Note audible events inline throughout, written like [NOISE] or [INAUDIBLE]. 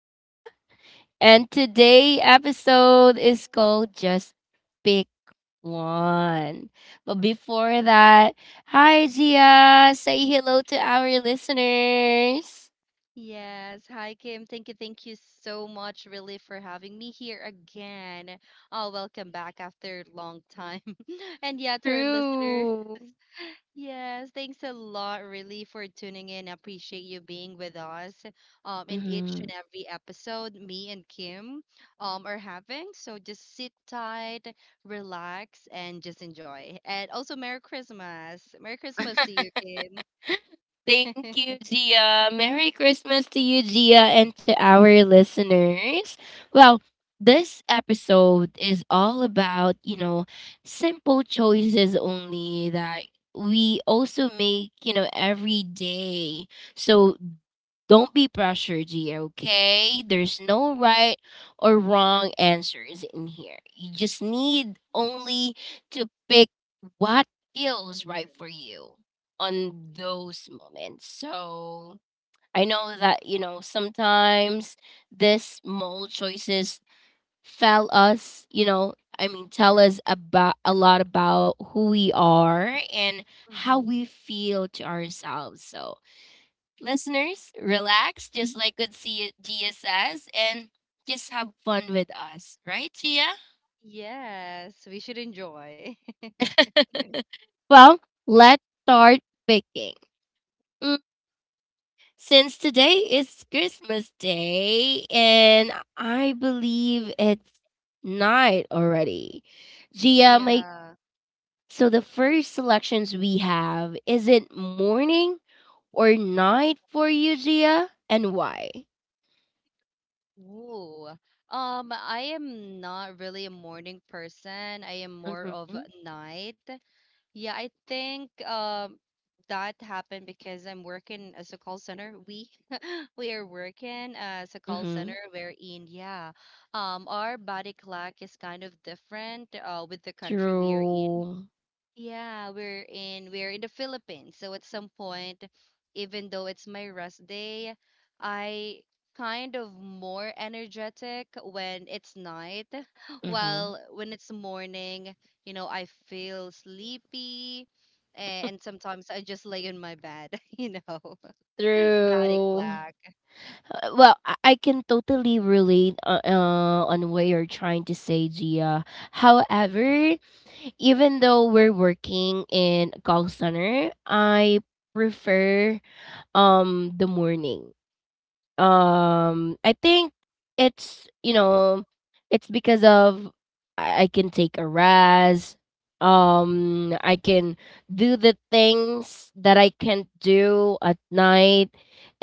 Gia. And today episode is called Just Pick One. But before that, hi, Gia. Say hello to our listeners. Yes. Hi, Kim. Thank you. Thank you so much, really, for having me here again. Oh, welcome back after a long time. [LAUGHS] And yeah, to our listener, True. yes, thanks a lot, really, for tuning in. Appreciate you being with us in each and every episode me and Kim are having. So just sit tight, relax, and just enjoy. And also, Merry Christmas. Merry Christmas to you, Kim. Thank [LAUGHS] you, Gia. Merry Christmas to you, Gia, and to our listeners. Well, this episode is all about, you know, simple choices only that we also make, you know, every day. So don't be pressured here, okay? There's no right or wrong answers in here. You just need only to pick what feels right for you on those moments. So I know that, you know, sometimes this small choices tell us, I mean, tell us about a lot about who we are and how Hmm. we feel to ourselves. So listeners, relax just like what Gia says and just have fun with us, right, Gia? Yes, we should enjoy. Well, let's start picking. Mm, Since today is Christmas Day and I believe it's night already. Gia, my Yeah. So the first selections we have is it morning or night for you, Gia, and why? Ooh. I am not really a morning person. I am more of Mm-hmm. a night. Yeah, I think that happened because I'm working as a call center. We [LAUGHS] we are working as a call center Mm-hmm. wherein, yeah, our body clock is kind of different with the country we are in. True. Yeah, we're in the Philippines. So at some point, even though it's my rest day, I kind of more energetic when it's night. [LAUGHS] While when it's morning, you know, I feel sleepy a- and sometimes I just lay in my bed, [LAUGHS] you know. [LAUGHS] Body Through clock. Well, I can totally relate on what you're trying to say, Gia. However, even though we're working in call center, I prefer the morning. I think it's you know, it's because of I can take a raz. I can do the things that I can't do at night,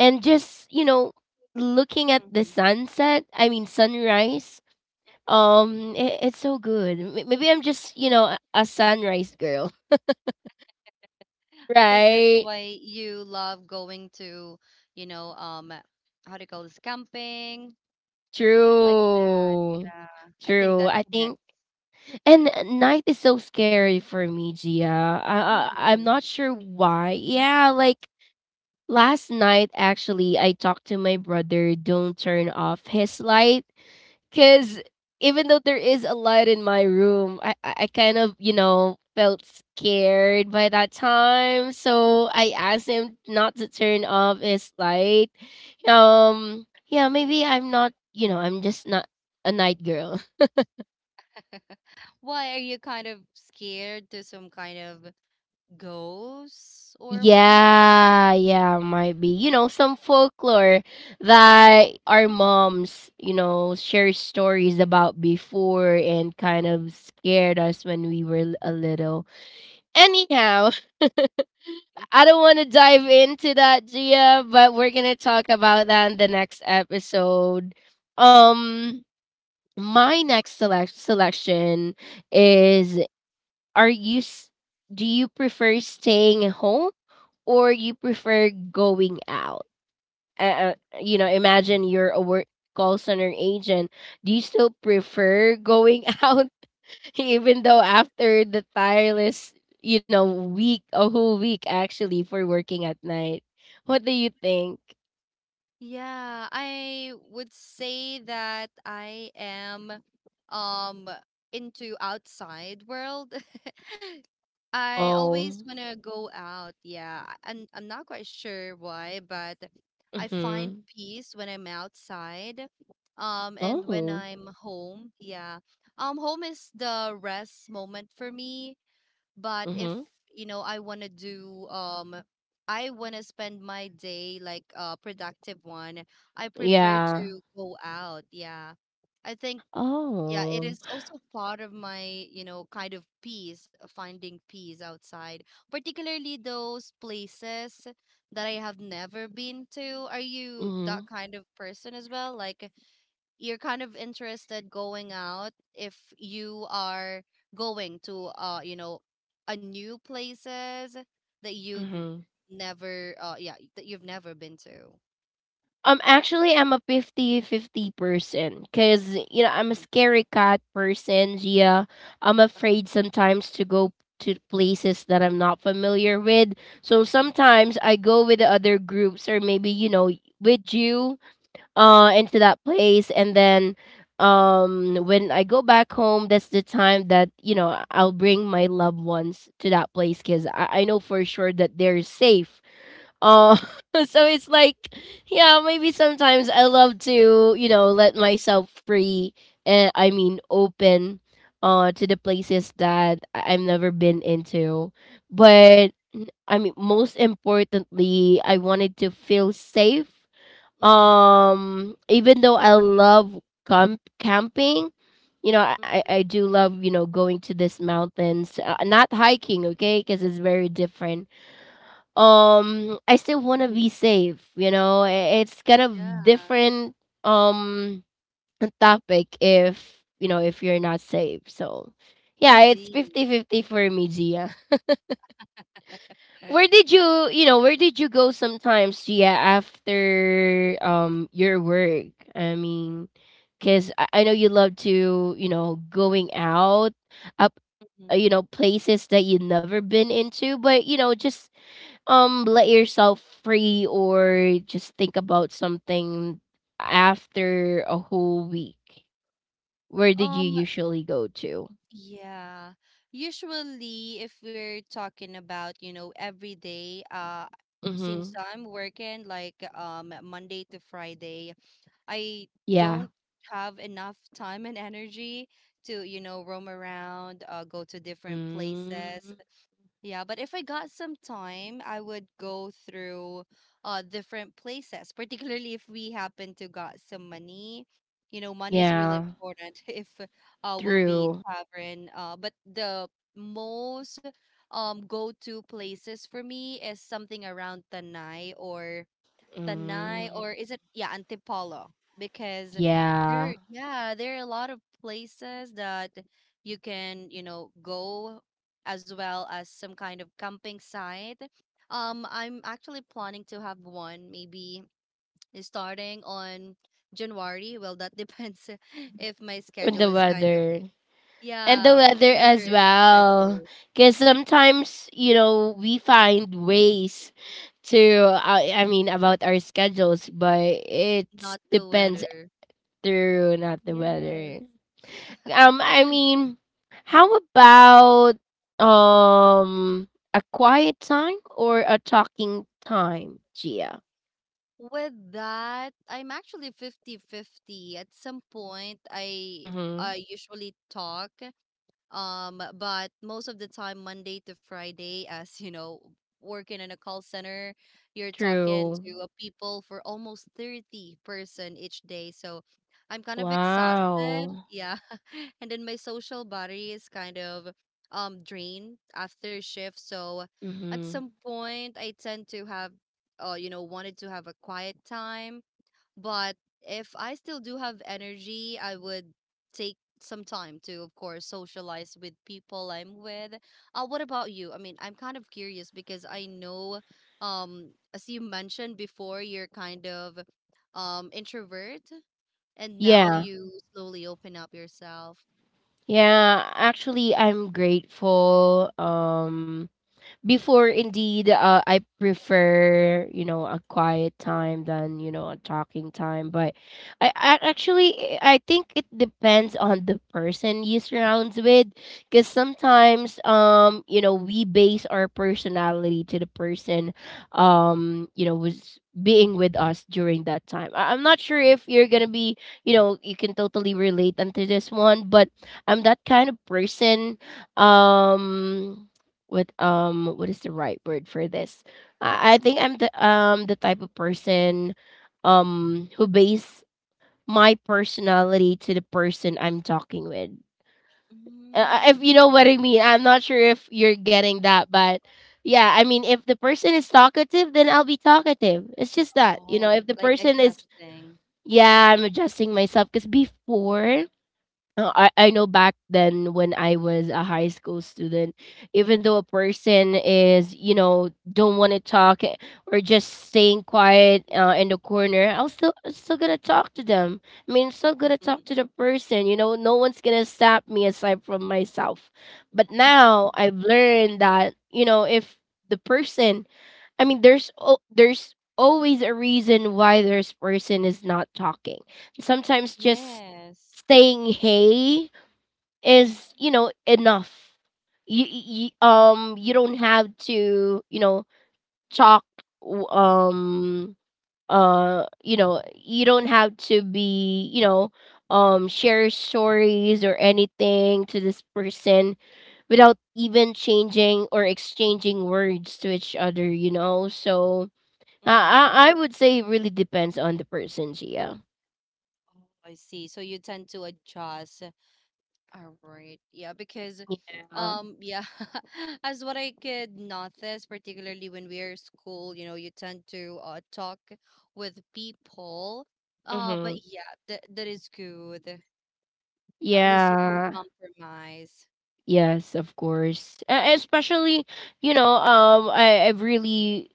and just you know, looking at the Mhm. sunset. I mean sunrise. It, it's so good. Maybe I'm just you know a sunrise girl, [LAUGHS] I think that's right? why you love going to, you know, how do you call this, camping, like that, True, yeah. I think true. that I connects. think and night is so scary for me, Gia. I, I'm Really? not sure why. Hmm, Yeah, like last night actually, I talked to my brother. Don't turn off his light, hmm. cause even though there is a light in my room, I kind of you know felt scared by that time. So I asked him not to turn off his light. Yeah, maybe I'm not. You know, I'm just not a night girl. Why are you kind of scared to some kind of ghosts or whatnot? Yeah, yeah, might be. You know, some folklore that our Mhm. moms, you know, share stories about before and kind of scared us when we were a little. Anyhow, [LAUGHS] I don't want to dive into that, Gia, but we're going to talk about that in the next episode. Um, my next selection is are you s- do you prefer staying at home or you prefer going out, uh, uh, you know imagine you're a work call center agent, do you still prefer going [LAUGHS] out even though after the tireless you know week, a whole week actually for working at night, what do you think? Yeah, I would say that I am um into outside world. [LAUGHS] I always Oh, want to go out. Yeah, I'm not quite sure why, but I find mm-hmm. peace when I'm outside. And when oh I'm home, yeah. Home is the rest moment for me. But if, mm-hmm. you know, I want to do I want to spend my day like a productive one, I prefer Yeah. to go out. Yeah. I think yeah, it Oh, is also part of my, you know, kind of peace, finding peace outside, particularly those places that I have never been to. Are you mm-hmm. that kind of person as well? Like you're kind of interested going out if you are going to you know a new places that you've Mm-hmm. never that you've never been to. Actually, I'm a fifty-fifty person because, you know, I'm a scary cat person, Gia. I'm afraid sometimes to go to places that I'm not familiar with. So sometimes I go with the other groups or maybe, you know, with you into that place and then when I go back home, that's the time that, you know, I'll bring my loved ones to that place because I know for sure that they're safe, uh, [LAUGHS] so it's like, yeah, maybe sometimes I love to, you know, let myself free and I mean open to the places that I've never been into. I mean most importantly, I wanted to feel safe. Mm-hmm. Even though I love camping, you know, I do love, you know, going to these mountains. Not hiking, okay? Because it's very different. I still want to be Mm-hmm. safe, you know. It's kind of Yeah, different um topic if, you know, if you're not safe. So, yeah, it's indeed. fifty [LAUGHS] fifty for me, Gia. [LAUGHS] Where did you, you know, where did you go sometimes, Gia, after your work? I mean, cuz I know you love to, you know, going out up you Mhm. know places that you've never been into but you know just let yourself free or just think about something after a whole week, where did you Um, usually go to? yeah. Usually, if we're talking about, you know, every day, Mm-hmm. since I'm working like Monday to Friday, I Yeah. don't have enough time and energy to, you know, roam around, go to different places. Mm. Yeah, but if I got some time, I would go through different places, particularly if we happen to got some money. You know, money is really Yeah. important [LAUGHS] if we'll be True. traveling. But the most go to places for me is something around Tanay or Mm. Is it yeah, Antipolo, because Yeah, there are a lot of places that you can, you know, go, as well as some kind of camping site. I'm actually planning to have one maybe starting on January. Well, that depends [LAUGHS] if my and the schedule is kind of weather, and the yeah, weather as weather in the well, schedule, because sometimes you know we find ways to I mean about our schedules but it not the depends weather. through not the Yes. weather. I mean, how about um a quiet time or a talking time, Gia? With that, I'm actually fifty-fifty. At some point, I Mm-hmm. I usually talk. But most of the time, Monday to Friday, as you know, working in a call center, you're talking True. to people for almost 30 person each day. So I'm kind of exhausted. Wow. Yeah. [LAUGHS] And then my social battery is kind of drained after shift. So at Mm-hmm. some point I tend to have you know, wanted to have a quiet time, but if I still do have energy, I would take some time to, of course, socialize with people I'm with. What about you? I mean, I'm kind of curious because I know, as you mentioned before, you're kind of introvert, and now Yeah. you slowly open up yourself. Yeah. Actually, I'm grateful. Before, indeed, I prefer, you know, a quiet time than, you know, a talking time. But I actually, I think it depends on the person you surrounds with. Because sometimes, you know, we base our personality to the person, you know, was being with us during that time. I'm not sure if you're going to be, you know, you can totally relate unto this one, but I'm that kind of person. Um, what is the right word for this? I think I'm the type of person who base my personality to the person I'm talking with. If Mm. you know what I mean, I'm not sure if you're getting that, but yeah, I mean, if the person is talkative, then I'll be talkative. It's just that, you know, Oh, if the like person is, adjusting. yeah, I'm adjusting myself because before, I know back then when I was a high school student, even though a person is, you know, don't want to talk eh, or just staying quiet Mhm. In the corner, I'm still gonna talk to them. I mean, I'm still gonna talk to the person. You know, no one's gonna stop me aside from myself. But now I've learned that, you know, if the person I mean, there's there's always a reason why this person is not talking. Sometimes just Yes. saying hey is you know enough. You you don't have to you know talk w- um you know you don't have to be you know share stories or anything to this person without even changing or exchanging words to each other you know. So Mm-hmm. I would say it really depends on the person, Gia. Oh, I see. So you tend to adjust. All right. Yeah, because Yeah. Yeah, [LAUGHS] as what I could notice, particularly when we're at school, you know, you tend to talk with people. Uh Mm-hmm. but yeah, that is good. At least you can Yeah. compromise. Yes, of course. Especially, you know, I've really,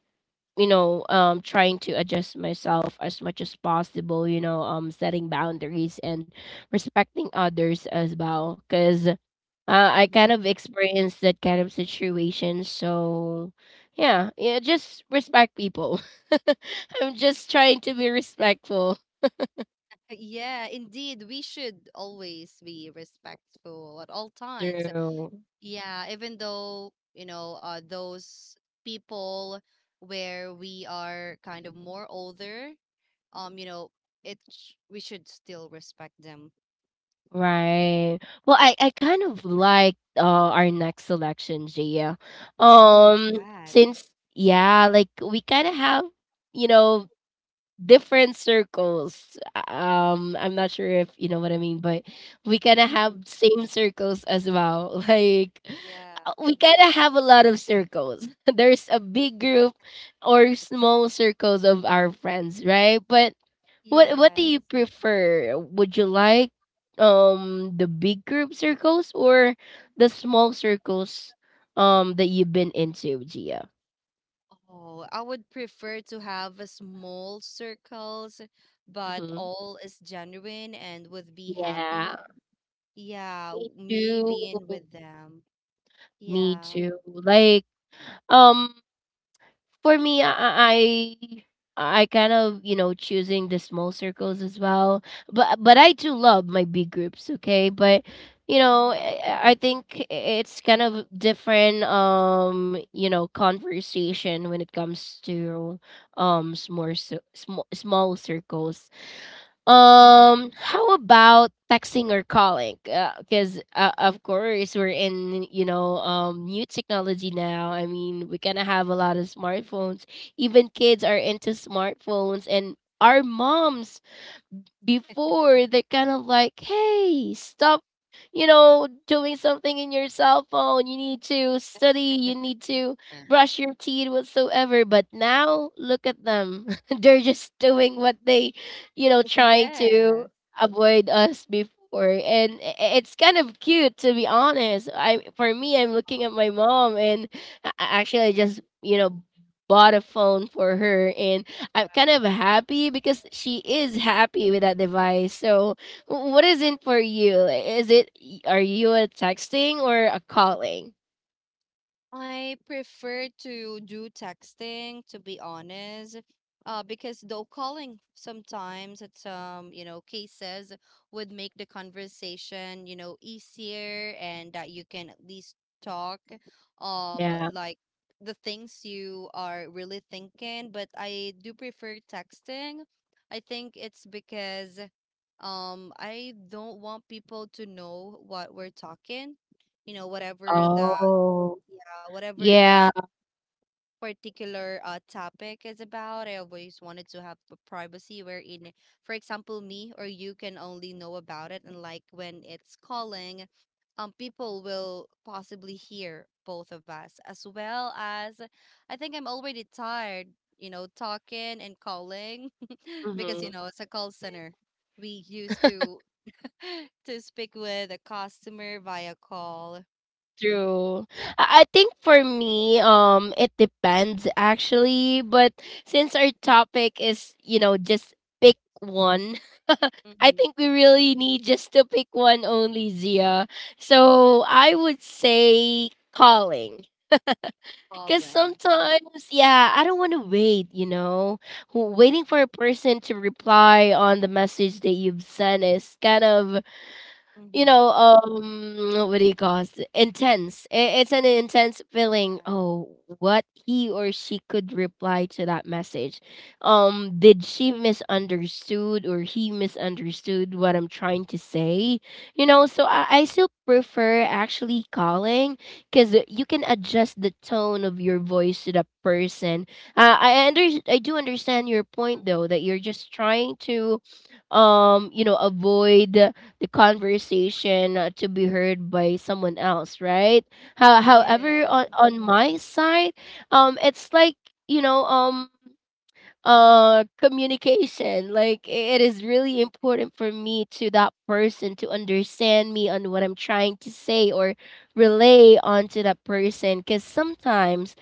you know, trying to adjust myself as much as possible. You know, setting boundaries and respecting others as well. Cause I Hmm. kind of experienced that kind of situation. So, yeah, yeah, just respect people. [LAUGHS] I'm just trying to be respectful. Yeah, indeed, we should always be respectful at all times. True. Yeah, even though, you know, those people where we are kind of more older um you know we should still respect them. Right. Well, I kind of like our next selection, Gia. Oh, what's Um, that? since yeah, like we kind of have, you know, different circles. I'm not sure if you know what I mean, but we kind of have Mhm. same circles as well. [LAUGHS] Like Yeah, we kind of have a lot of circles. [LAUGHS] There's a big group or small circles of our friends, right? But what do yes, you prefer? Would you like the big group circles or the small circles that you've been into, Gia? oh, I would prefer to have a small circles, but Hmm. all is genuine and would be Yeah, happy, yeah, me too. me being with them, Me yeah. too. Like um for me, I kind of you know choosing the small circles as well. But I do love my big groups. Okay, but you know Mm-hmm. I think it's kind of different. You know, conversation when it comes to um small small circles. Mm-hmm. How about texting or calling? Because of course we're in you know new technology now. I mean we kind of have a lot of smartphones. Even kids are into smartphones, and our moms before they're kind of like, hey, stop, you know, doing something in your cell phone. You need to study, you need to brush your teeth, whatsoever. But now, look at them. [LAUGHS] they're just doing what they, you know, trying to [LAUGHS] avoid us before. And it's kind of cute, to be honest. I For me, I'm looking at my mom, and actually, I Yes, just, you know, bought a phone for her and I'm kind of happy because she is happy with that device. So, what is it for you? Is it are you a texting or a calling? I prefer to do texting, to be honest, because though calling sometimes at some, you know, cases would make the conversation, you know, easier, and that you can at least talk, Yeah. like the things you are really thinking. But I do prefer texting. I think it's because, I don't want people to know what we're talking, you know, whatever Oh. Whatever that Yeah. particular topic is about. I always wanted to have a privacy wherein, for example, me or you can only know about it. And like when it's calling, people will possibly hear both of us, as well as I think I'm already tired, you know, talking and calling [LAUGHS] because, Hmm. you know, it's a call center. We used to [LAUGHS] to speak with a customer via call. True. I think for me, it depends actually. But since our topic is, you know, just pick one, [LAUGHS] I Mhm. think we really need just to pick one only, Zia. So I would say calling. Because Calling. sometimes, yeah, I don't want to wait, you know. Waiting for a person to reply on the message that you've sent is kind of you Mm-hmm. know, what do you call it? Intense. It's an intense feeling. Yeah. Oh, what he or she could reply to that message. Did she misunderstood or he misunderstood what I'm trying to say? You know, so I still prefer actually calling because you can adjust the tone of your voice to the person. I do understand your point Mhm. though that you're just trying to, avoid the conversation to be heard by someone else, right? However, Yes. on my side, it's like you know, um, communication, like it is really important for me to that person to understand me on what I'm trying to say or relay onto that person, because sometimes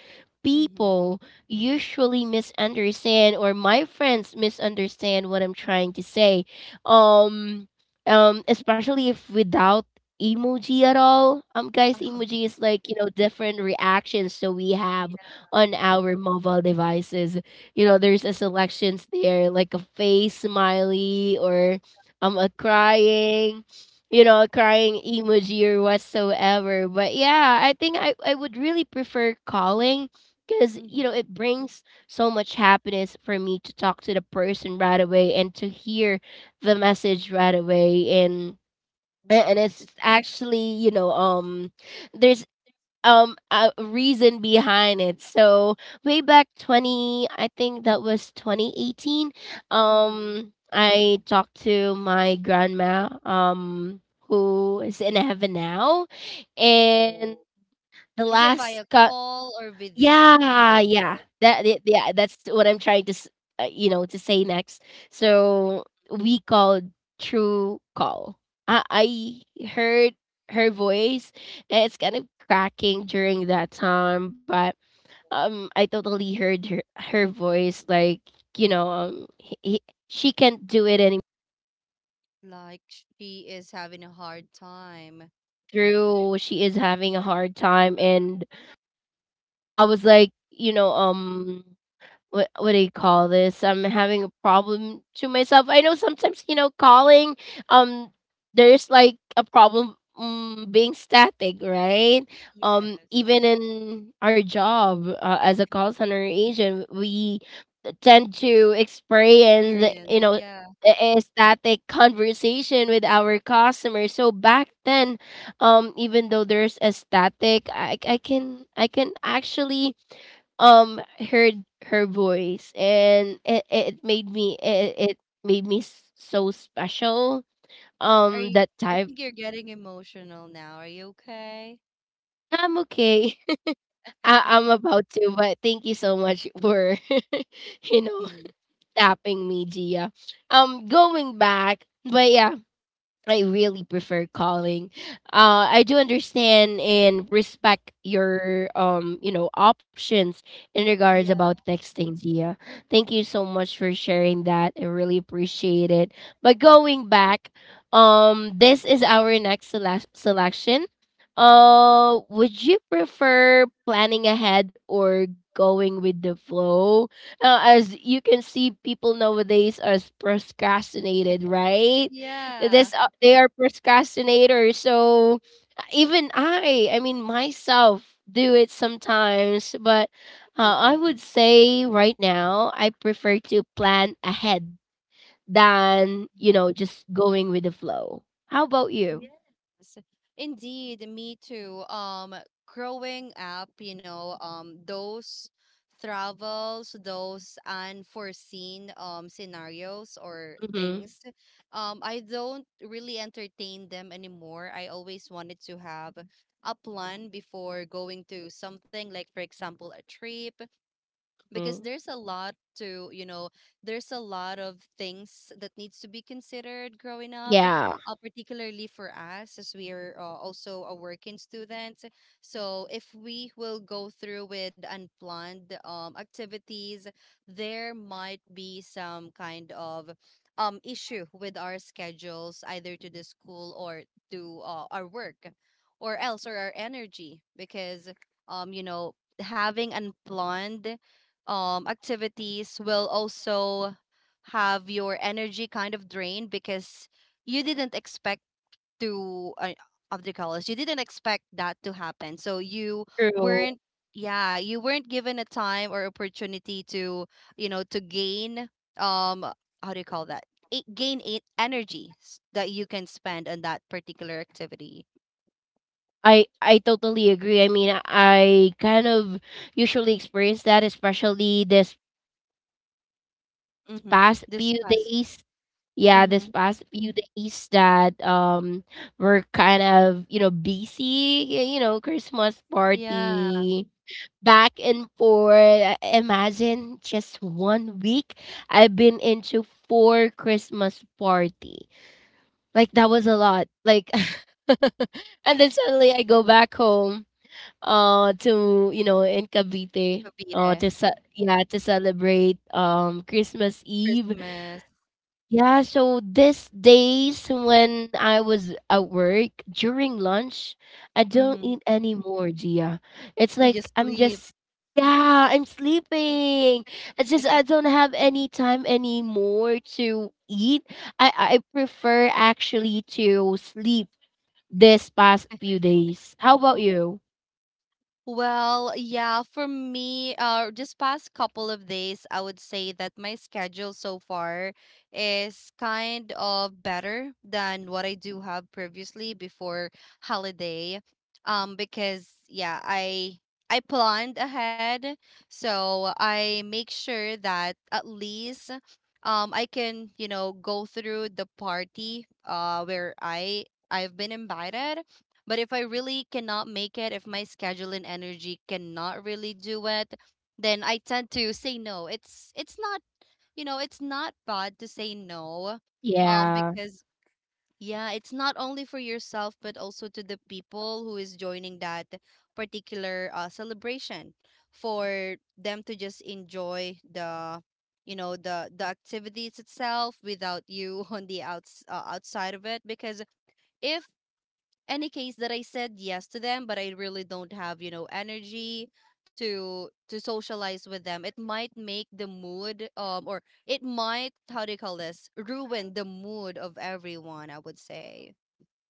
Mhm. people usually misunderstand, or my friends misunderstand what I'm trying to say, um especially if without emoji at all. Um, guys, emoji [LAUGHS] is like, you know, different reactions that we have Yeah. on our mobile devices. You know, there's a selections there, like a face smiley or a crying, you know, a crying emoji or whatsoever. But yeah, I would really prefer calling because, you know, Mhm. it brings so much happiness for me to talk to the person right away and to hear the message right away. and a- Mhm. and it's actually, there's a reason behind it. So way back 20, I think that was 2018, Mhm. I talked to my grandma, who is in heaven now, and Oh. the Is it via call or video? Video yeah, yeah. call. Yeah, that's what I'm trying to you know, to say next. So we called True Call. I heard her voice. And it's kind of cracking during that time, but I totally heard her voice. Like, you know, she can't do it anymore. Like she is having a hard time. Through she is having a hard time, and I was like, you know, Mhm. um, what do you call this? I'm having a problem to myself. I know sometimes, you know, calling um there's like a problem, being static, right? Um, Yes. even in our job as a call center agent, we tend to experience, Experience. you know, Yeah. a static conversation with our customers. So back then, even though there's a static, I can actually um heard her voice, and it made me so special Are you, that I time. think you're getting emotional now. Are you okay? I'm okay. [LAUGHS] I'm about to, but thank you so much for [LAUGHS] you [LAUGHS] know, Mhm. tapping me, Gia, going back. But yeah, I really prefer calling. I do understand and respect your, options in regards Yeah. about texting, Zia. Thank you so much for sharing that. I really appreciate it. But going [LAUGHS] back, this is our next selection. Would you prefer planning ahead or going with the flow? As you can see, people nowadays are procrastinated, right? Yeah. this They are procrastinators, so even I mean myself do it sometimes. But I would [LAUGHS] say right now I prefer to plan ahead than, you know, just going with the flow. How about Yeah. you? Yes, indeed, me too. Growing up, you know, those travels, those unforeseen scenarios or hmm things, I don't really entertain them anymore. I always wanted to have a plan before going to something, like, for example, a trip, because hmm there's a lot to, you know, there's a lot of things that needs to be considered growing up, yeah, particularly for us, as we are also a working student. So if we will go through with unplanned activities, there might be some kind of issue with our schedules, either to the school or to our work, or else or our energy, because you know, having unplanned activities will also have your energy kind of drained because you didn't expect to of the colors, you didn't expect that to happen, so true. weren't yeah you weren't given a time or opportunity to, you know, to gain um how do you call that, gain it energy that you can spend on that particular activity. I totally agree. I mean, I kind of usually experience that, especially this Mm-hmm. past This few past. days. Yeah, this Mm-hmm. past few days that we're kind of, you know, busy. You know, Christmas Yeah. party, back and forth. Imagine, just 1 week, I've been into four Christmas party. Like, that was a lot, like [LAUGHS] and then suddenly I go back home, to, you know, in Cavite, Cavite. Yeah, to celebrate Christmas Eve. Christmas. Yeah, so these days when I was at work during lunch, I don't Mhm. eat anymore, Gia. It's You like just I'm leave. just, yeah, I'm sleeping. It's just I don't have any time anymore to eat. I prefer actually to sleep this past few days. How about you? Well, yeah, for me, just past couple of days, I would say that my schedule so far is kind of better than what I do have previously before holiday. Because yeah, I planned ahead, so I make sure that at least I can, you know, go through the party where I've been invited, but if I really cannot make it, if my schedule and energy cannot really do it, then I tend to say no. It's not, you know, it's not bad to say no. Um Yeah. because yeah, it's not only for yourself but also to the people who is joining that particular celebration, for them to just enjoy the activities itself without you [LAUGHS] on the outside of it, because if any case that I said yes to them, but I really don't have, you know, energy to socialize with them, it might make the mood or it might, how do you call this, ruin the mood of everyone, I would say.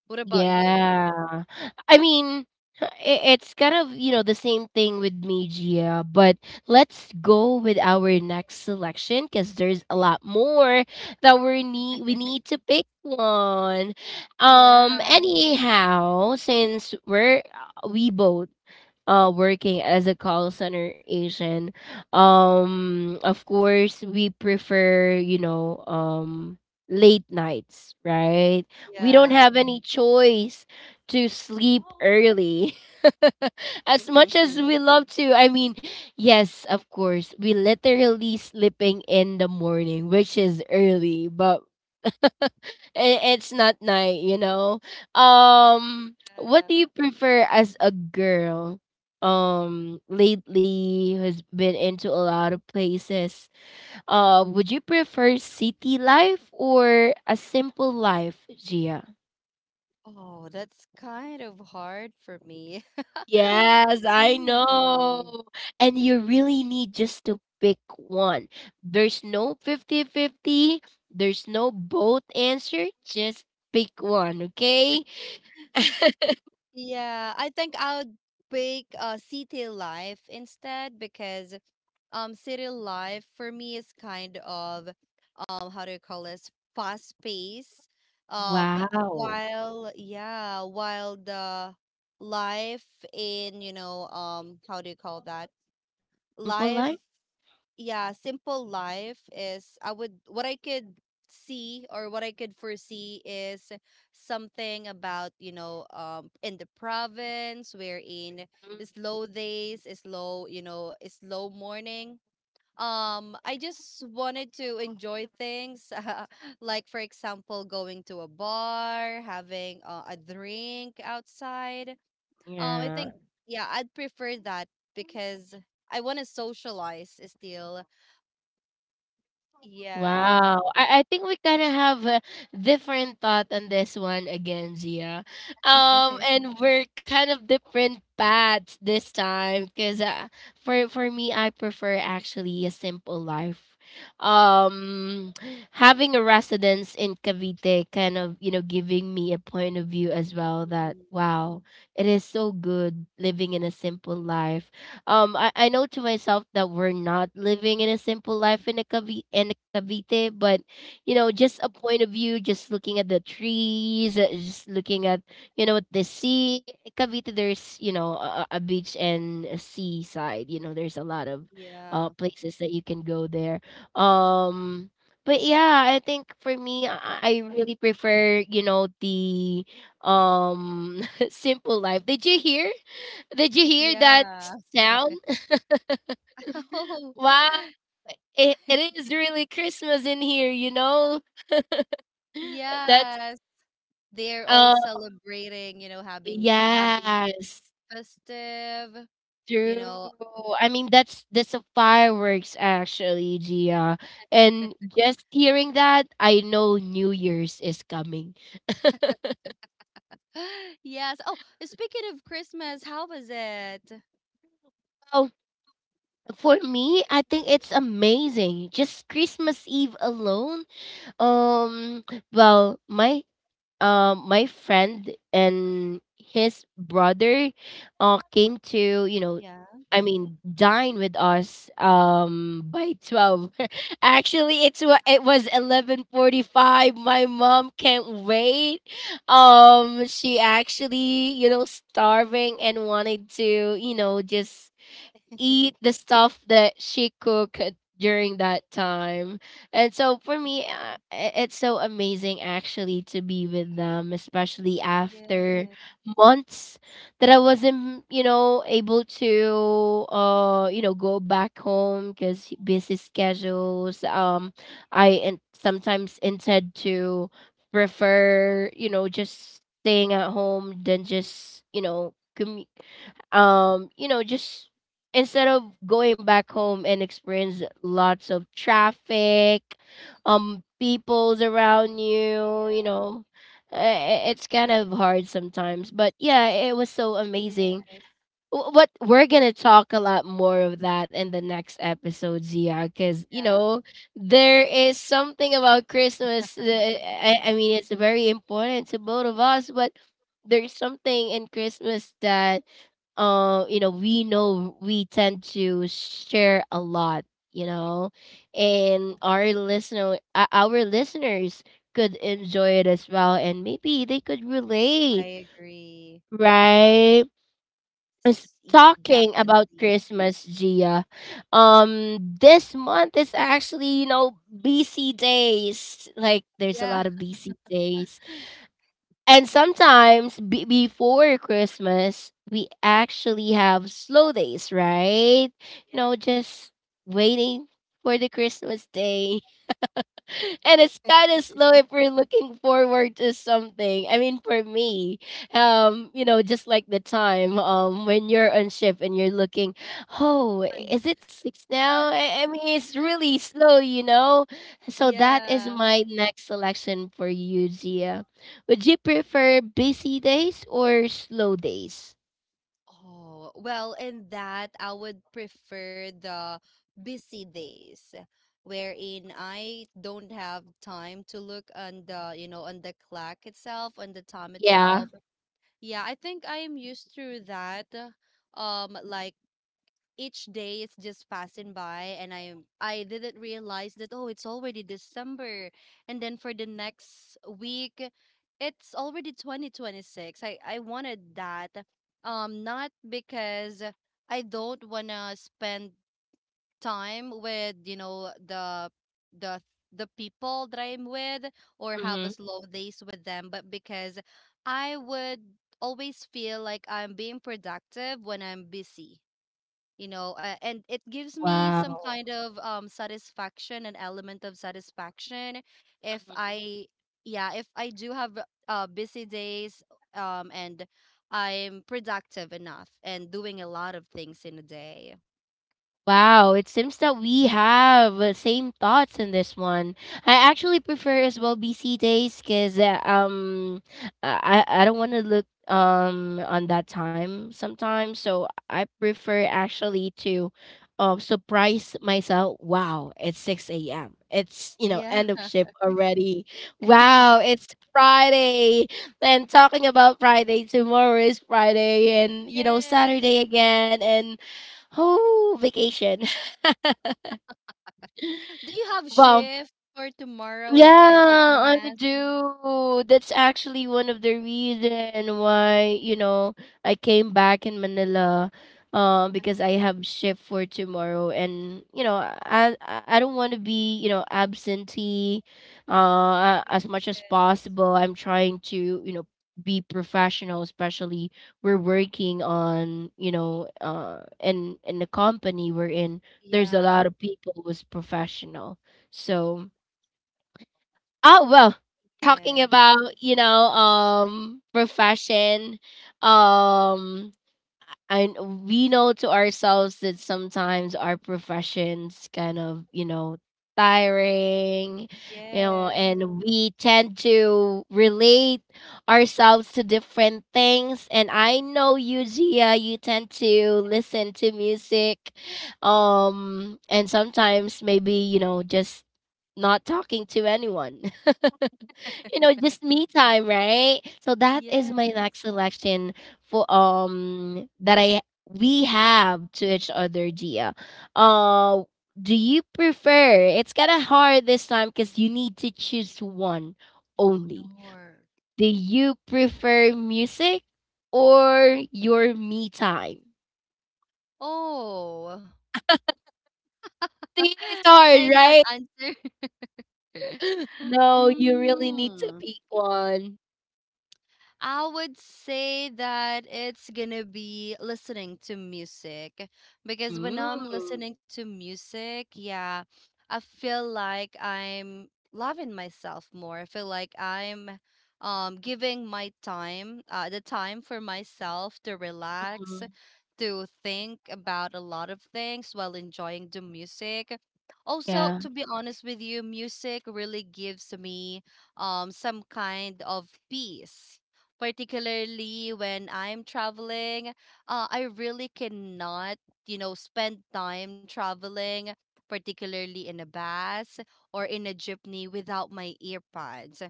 What about you? Yeah. I mean, I it's kind of, you know, the same thing with me, Gia, but let's go with our next selection because there's a lot more that we need we [LAUGHS] need to pick one. Um, Yeah. anyhow, since we both working as a call center agent, of course we prefer, you know, late nights, right? We don't Yeah. have any choice to sleep early [LAUGHS] as [LAUGHS] much as Yeah. we love to. I mean, yes, of course, we literally sleeping in the morning, which is early, but [LAUGHS] it's not night, you know. What do you prefer as a girl? Lately has been into a lot of places. Would you prefer city life or a simple life, Gia? Oh, that's kind of hard for me. [LAUGHS] Yes, I Hmm. know. And you really need just to pick one. There's no 50 50. There's no both answer. Just pick one, okay? Yeah, I think I would pick City Life instead, because city life for me is kind of how do you call this, fast pace, um Wow. while the life in, you know, how do you call that Simple life, life? yeah, simple life is, I would what I could see, or what I could foresee, is something about, you know, in the province, wherein Mm, slow days, slow, you know, slow morning, I just wanted to enjoy things, [LAUGHS] like for example, going to a bar, having a drink outside. I yeah. think yeah, I'd prefer that because I want to socialize still. Yeah. Wow. I think we kind of have a different thought on this one again, Gia. And we're kind of different paths this time because for me, I prefer actually a simple life. Um, having a residence in Cavite kind of, you know, giving me a point of view as well that, Mhm. wow, it is so good living in a simple life. I know to myself that we're not living in a simple life in a Cavi- in Cavite, but, you know, Mhm. just a point of view, just looking at the trees, just looking at, you know, the sea. Cavite, there's, you know, a beach and a seaside. You know, there's a lot of Yeah. Places that you can go there. Um, but yeah, I think for me, I really prefer, you know, the um [LAUGHS] simple life. Did you hear? Did you hear that Yeah. sound? [LAUGHS] [LAUGHS] Oh, Wow. It is really Christmas in here, you know? [LAUGHS] That's yes. They're all uh celebrating, you know, having yes, festive, you true. know. I mean, that's a fireworks actually, Gia. And just hearing that, I know New Year's is coming. [GASPS] [LAUGHS] Yes. Oh, speaking of Christmas, how was it? Oh, for me, I think it's amazing. Just Christmas Eve alone. Um, well, my my friend and his brother came to, you know, Yeah. Dine with us by 12. [LAUGHS] Actually, it was 11:45. My mom can't wait. She actually, you know, starving, and wanted to, you know, just eat the stuff that she cooked during that time. And so for me, it's so amazing actually to be with them, especially after Yes. months that I wasn't, you know, able to, you know, go back home because busy schedules. I sometimes intend to prefer, you know, just staying at home than Mhm. just, you know, commu- you know just instead of going back home and experience lots of traffic, people's around you, you Yeah. know, eh, it's kind of hard sometimes. But yeah, it was so amazing. Yes. What we're gonna talk a lot more of that in the next episode, Zia, because, you Yeah. know, there is something about Christmas. Uh, I mean, it's very important to both of us, but there's something in Christmas that you know, we tend to share a lot, you know, S- and our listener, our listeners could enjoy it as well and maybe they could relate, I agree. right? Talking about Definitely. Christmas, Gia, um, this month is actually, you know, busy days, like there's a Yeah. lot of busy days. And sometimes before Christmas, we actually have slow days, right? You Yeah. know, just waiting for the Christmas day. [LAUGHS] And it's kind of slow if we're looking forward to something. I mean, for me, you know, just like the time when you're on shift and you're looking, oh, And is it six now? I mean, it's really slow, you know. So that is yeah. my next selection for you, Gia. Would you prefer busy days or slow days? Oh, well, in that, I would prefer the busy days Mm, wherein I don't have time to look on on the clock itself, on the time yeah. itself. Yeah, I think I am used to that. Like each day is just passing by, and I didn't realize that, oh, it's already December, and then for the next week, it's already 2026. I wanted that. Not because I don't wanna spend time with the the people that I'm with or have hmm a slow days with them, but because I would always feel like I'm being productive when I'm busy, and it gives me some Wow. kind of satisfaction, an element of satisfaction if I yeah, if I do have busy days, and I'm productive enough and doing a lot of things in a day, Wow, it seems that we have the same thoughts in this one. I actually prefer as well BC days because I don't want to look on that time sometimes, so I prefer actually to surprise myself. Wow, it's six a.m. It's, you know, yeah. end of [LAUGHS] shift already. Wow, it's Friday. And talking about Friday, tomorrow is Friday, and you know, Yay! Saturday again, and. Oh, vacation. [LAUGHS] Do you have Well, shift for tomorrow if I just yeah, I yes? do. That's actually one of the reason why, you know, I came back in Manila, I because I have shift for tomorrow, and you know, I don't want to be, you know, absentee, as much as yes. possible. I'm trying to, you know, be professional, especially we're working on, you know, in the company we're in. There's a Yeah, lot of people who's professional, so. Oh well, talking yes, about, you know, profession, um, and we know to ourselves that sometimes our professions kind of, you know, tiring, you know, yes, and we tend to relate ourselves to different things. And I know you, Gia, you tend to listen to music, and sometimes maybe, you know, just not talking to anyone. [LAUGHS] You know, just me time, right? So that is my yes. next selection for that I we have to each other, Gia. Uh do you prefer? It's kind of hard this time because you need to choose one Oh no. only. Do you prefer music or your me time? Oh, See, it's [LAUGHS] can I hard, not right? answer? [LAUGHS] [GASPS] No, you really need to Mm. pick one. I would say that it's gonna be listening to music because when I'm Mm. listening to music, yeah, I feel like I'm loving myself more. I feel like I'm giving my time, the time for myself to relax, Mhm. to think about a lot of things while enjoying the music. Also, Yeah. to be honest with you, music really gives me some kind of peace. Particularly when I'm traveling, I really cannot, you know, spend time traveling, particularly in a bus or in a jeepney without my earpods.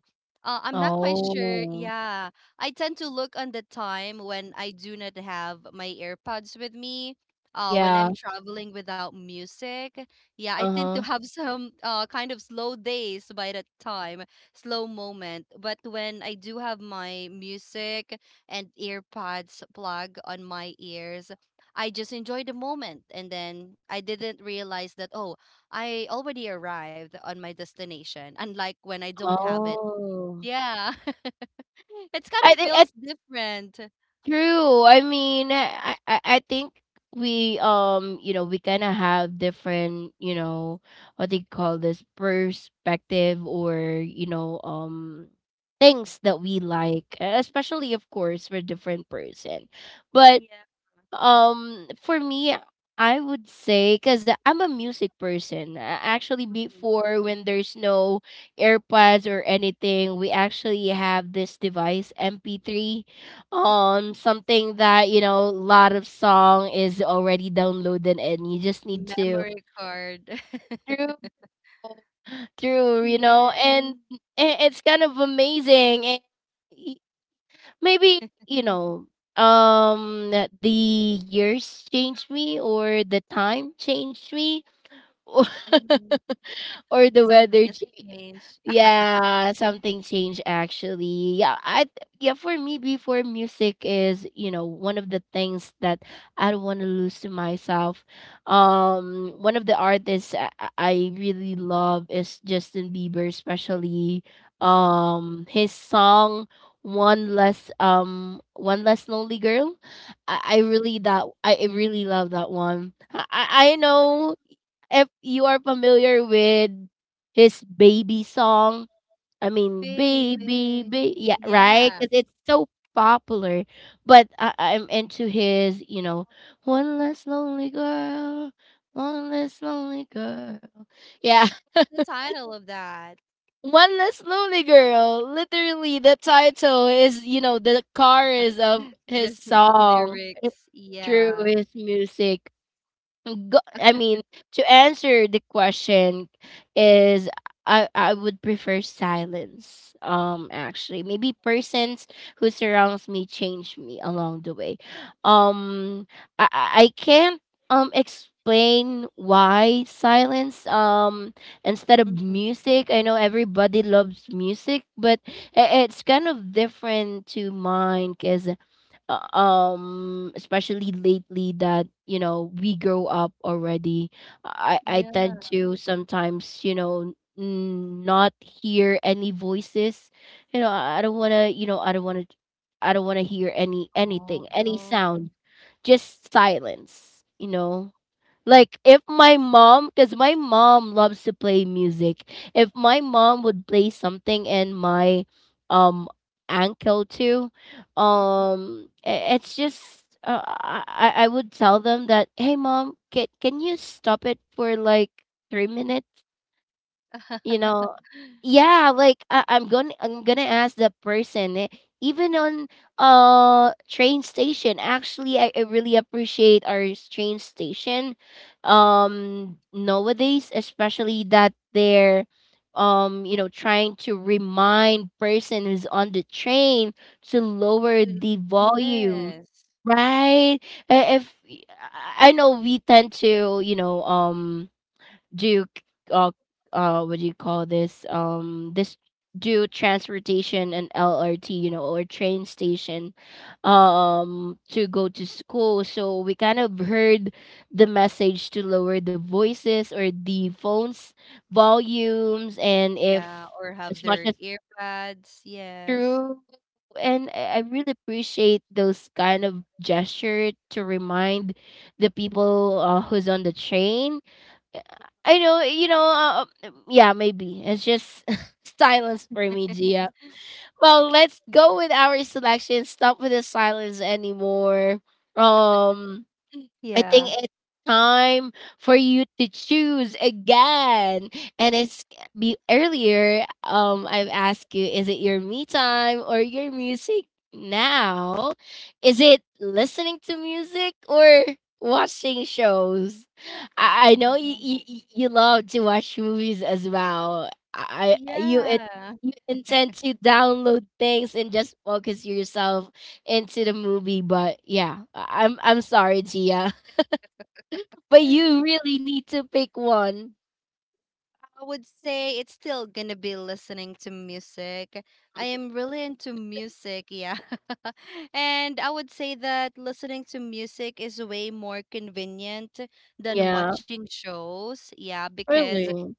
I'm not quite sure. Oh. Yeah, I tend to look on the time when I do not have my AirPods with me. When Yeah. I'm traveling without music, yeah, I Uh-huh. tend to [LAUGHS] have some kind of slow days by that time, slow moment. But when I do have my music and AirPods plug on my ears, I just enjoy the moment. And then I didn't realize that, oh, I already arrived on my destination, unlike when I don't have it. Oh. Yeah. [LAUGHS] It's kind of I think feels it's different. true. I mean, I think we we kind of have different, you know, what do you call this perspective or, things that we Mhm. like, especially of course for different person. But Yeah. um, for me, I would say because I'm a music person. Actually, Mm. before when there's no AirPods or anything, we actually have this device MP3, Yeah. Something that a lot of song is already downloaded, and you just need to Memory card. [LAUGHS] through through Yes. And it's kind of amazing. And maybe um the years changed me or the time changed me [LAUGHS] or, Mhm. or the Something weather has changed, changed. yeah, something changed actually. For me before music is, one of the things that I don't want to lose to myself. Um, one of the artists I really love is Justin Bieber, especially [LAUGHS] his song One Less Lonely Girl. I really love that one. I know if you are familiar with his baby song, I mean, baby, Baby. baby, yeah, right? Yeah. Because it's so popular. But I, I'm into his, you know, one less lonely girl, one less lonely girl. Yeah, It's the title of that. [LAUGHS] one less lonely girl. Literally, the title is, you know, the chorus [GASPS] of [LAUGHS] his This the song. It's lyrics. true, Yeah. his music. Go, I mean, to answer the question is I would prefer silence. Actually, maybe persons who surrounds me change me along the way. Um, I can't explain why silence. Instead of Mhm. music, I know everybody loves music, but it's kind of different to mine because especially lately that we grow up already. I Yeah. tend to sometimes not hear any voices, I don't want to I don't want to hear Oh. anything, any sound, just silence, you know, like if my mom, because my mom loves to play music. If my mom would play something and my um ankle too, it's just I would tell them that hey mom, can you stop it for like 3 minutes? you know yeah, like I'm gonna ask the person, even on train station. Actually, I really appreciate our train station nowadays, especially that they're trying to remind person who's on the train to lower the volume, yes. right. If I I know we tend to do you uh what do you call this, do transportation and LRT, you know, or train station to go to school, so we kind of heard the message to lower the voices or the phones volumes. And Yeah. if Or have as much their as earbuds. Yes. true, and I really appreciate those kind of gesture to remind the people, who's on the train. Yeah, I know, yeah, maybe. It's just [LAUGHS] silence for me, Gia. Well, let's go with our selection. Stop with the silence anymore. Um, I think Yeah. it's time for you to choose again. And it's be earlier. I've asked you, is it your me time or your music now? Is it listening to music or watching shows? I know Oh. you you love to watch movies as well. I- you it. Yeah. You intend to download things and just focus yourself into the movie, but yeah, I'm sorry, Gia. But you [LAUGHS] really need to pick one. I would say it's still gonna be listening to music. I am really into music, yeah. [LAUGHS] And I would say that listening to music is way more convenient than Yeah, watching shows, yeah, because really.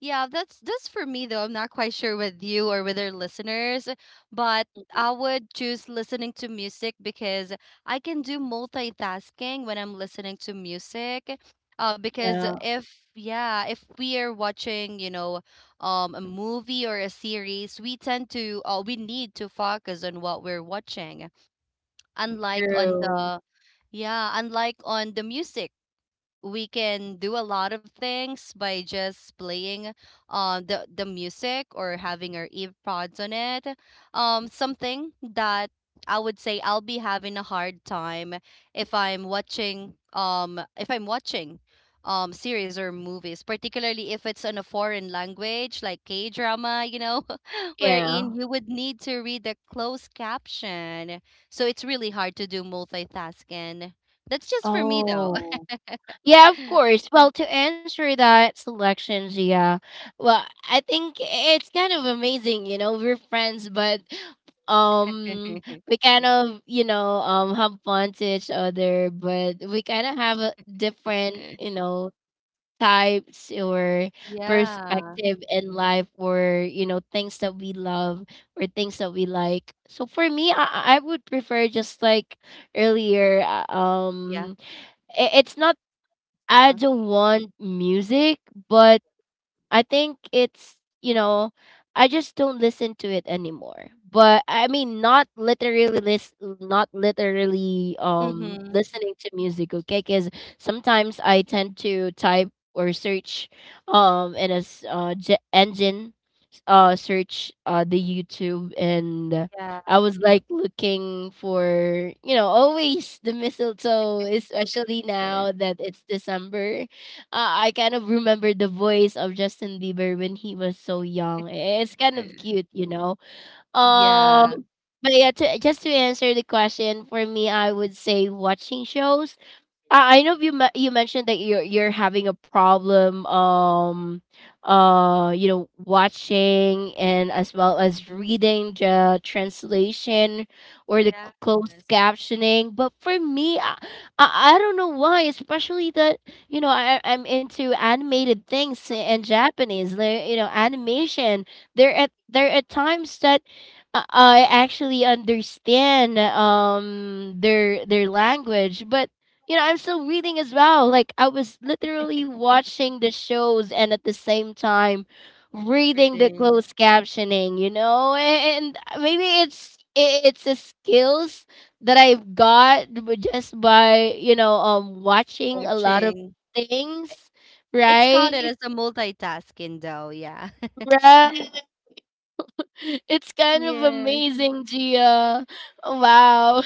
yeah, that's just for me though. I'm not quite sure with you or with our listeners, but Mm, I would choose listening to music because I can do multitasking when I'm listening to music. Because yeah, if yeah, if we are watching, you know, a movie or a series, we tend to we need to focus on what we're watching. Unlike on true. the yeah, unlike on the music, we can do a lot of things by just playing the music or having our earpods on it, something that I would say I'll be having a hard time if I'm watching series or movies, particularly if it's in a foreign language like K drama, you know, [LAUGHS] wherein Yeah. you would need to read the closed caption, so it's really hard to do multitasking. That's just for me though. Oh. Yeah, of course. Well, to answer that selection, Gia, well, I think it's kind of amazing, you know, we're friends, but um we kind of, you know, have fun to each other, but we kind of have a different, [LAUGHS] you know, types or Yeah. perspective in life, or you know, things that we love or things that we like. So for me, I would prefer just like earlier, Yeah. It's not I Uh-huh. don't want music, but I think it's, you know, I just don't listen to it anymore. But I mean not literally not literally Mhm. listening to music, okay? Cuz sometimes I tend to type or search in a engine, search the YouTube. And Yeah. I was like looking for, you know, always the mistletoe, especially Uh, now that it's December. Uh, I kind of remember the voice of Justin Bieber when he was so young. It's kind of uh. cute, you know, Yeah. um. But yeah, to, just to answer the question, for me I would say watching shows. I Mm, know you mentioned that you're having a problem you know watching and as well as reading the translation or the closed yes. captioning, but for me, I don't know why, especially that you know I'm into animated things and Mhm. Japanese, like, you know, animation. There at there are times that I actually understand their language, but you know, I'm still reading as well. Like I was literally watching the shows and at the same time reading the Reading, closed captioning, you know? And maybe it's it's a skills that I've got just by, you know, watching a lot of watching. things, It's counted as right? a multitasking though, yeah. Right. [LAUGHS] It's [LAUGHS] kind of Yes. amazing, Gia. Wow.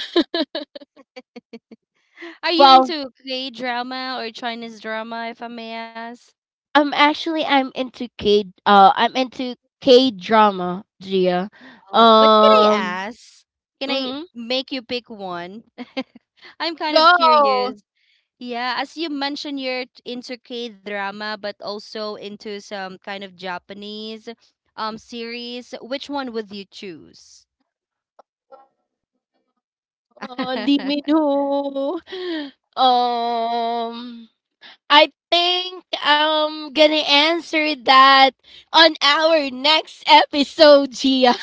Are you Wow. into K drama or Chinese drama, if I may ask? Actually, I'm into K drama, Gia. Oh, but can I Um, ask? Can I mhm. make you pick one? [LAUGHS] I'm kind of Go. curious. Yeah, as you mentioned, you're into K drama, but also into some kind of Japanese series. Which one would you choose? Lee Min [LAUGHS] Ho. [GASPS] Um, I think I'm gonna answer that on our next episode, Gia.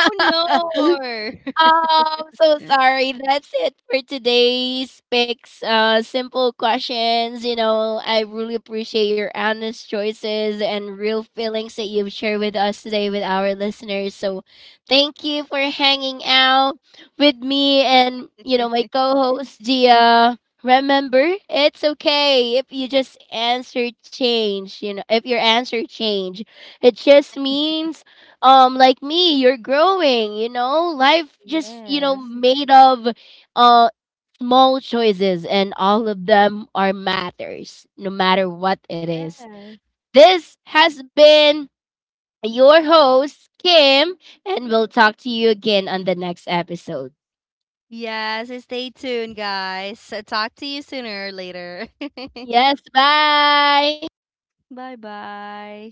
Oh no! [LAUGHS] So sorry. That's it for today's picks. Simple questions. You know, I really appreciate your honest choices and real feelings that you've shared with us today with our listeners. So, thank you for hanging out with me and you know my co-host Gia. Remember, it's okay if you just answer change. You know, if your answer change, it just means like me you're growing. You know, life just you know Yes, made of uh small choices, and all of them are matters no matter what it is. yes, This has been your host Kim, and we'll talk to you again on the next episode. yes. Stay tuned, guys. Talk to you sooner or later. [LAUGHS] Yes, bye. Bye bye.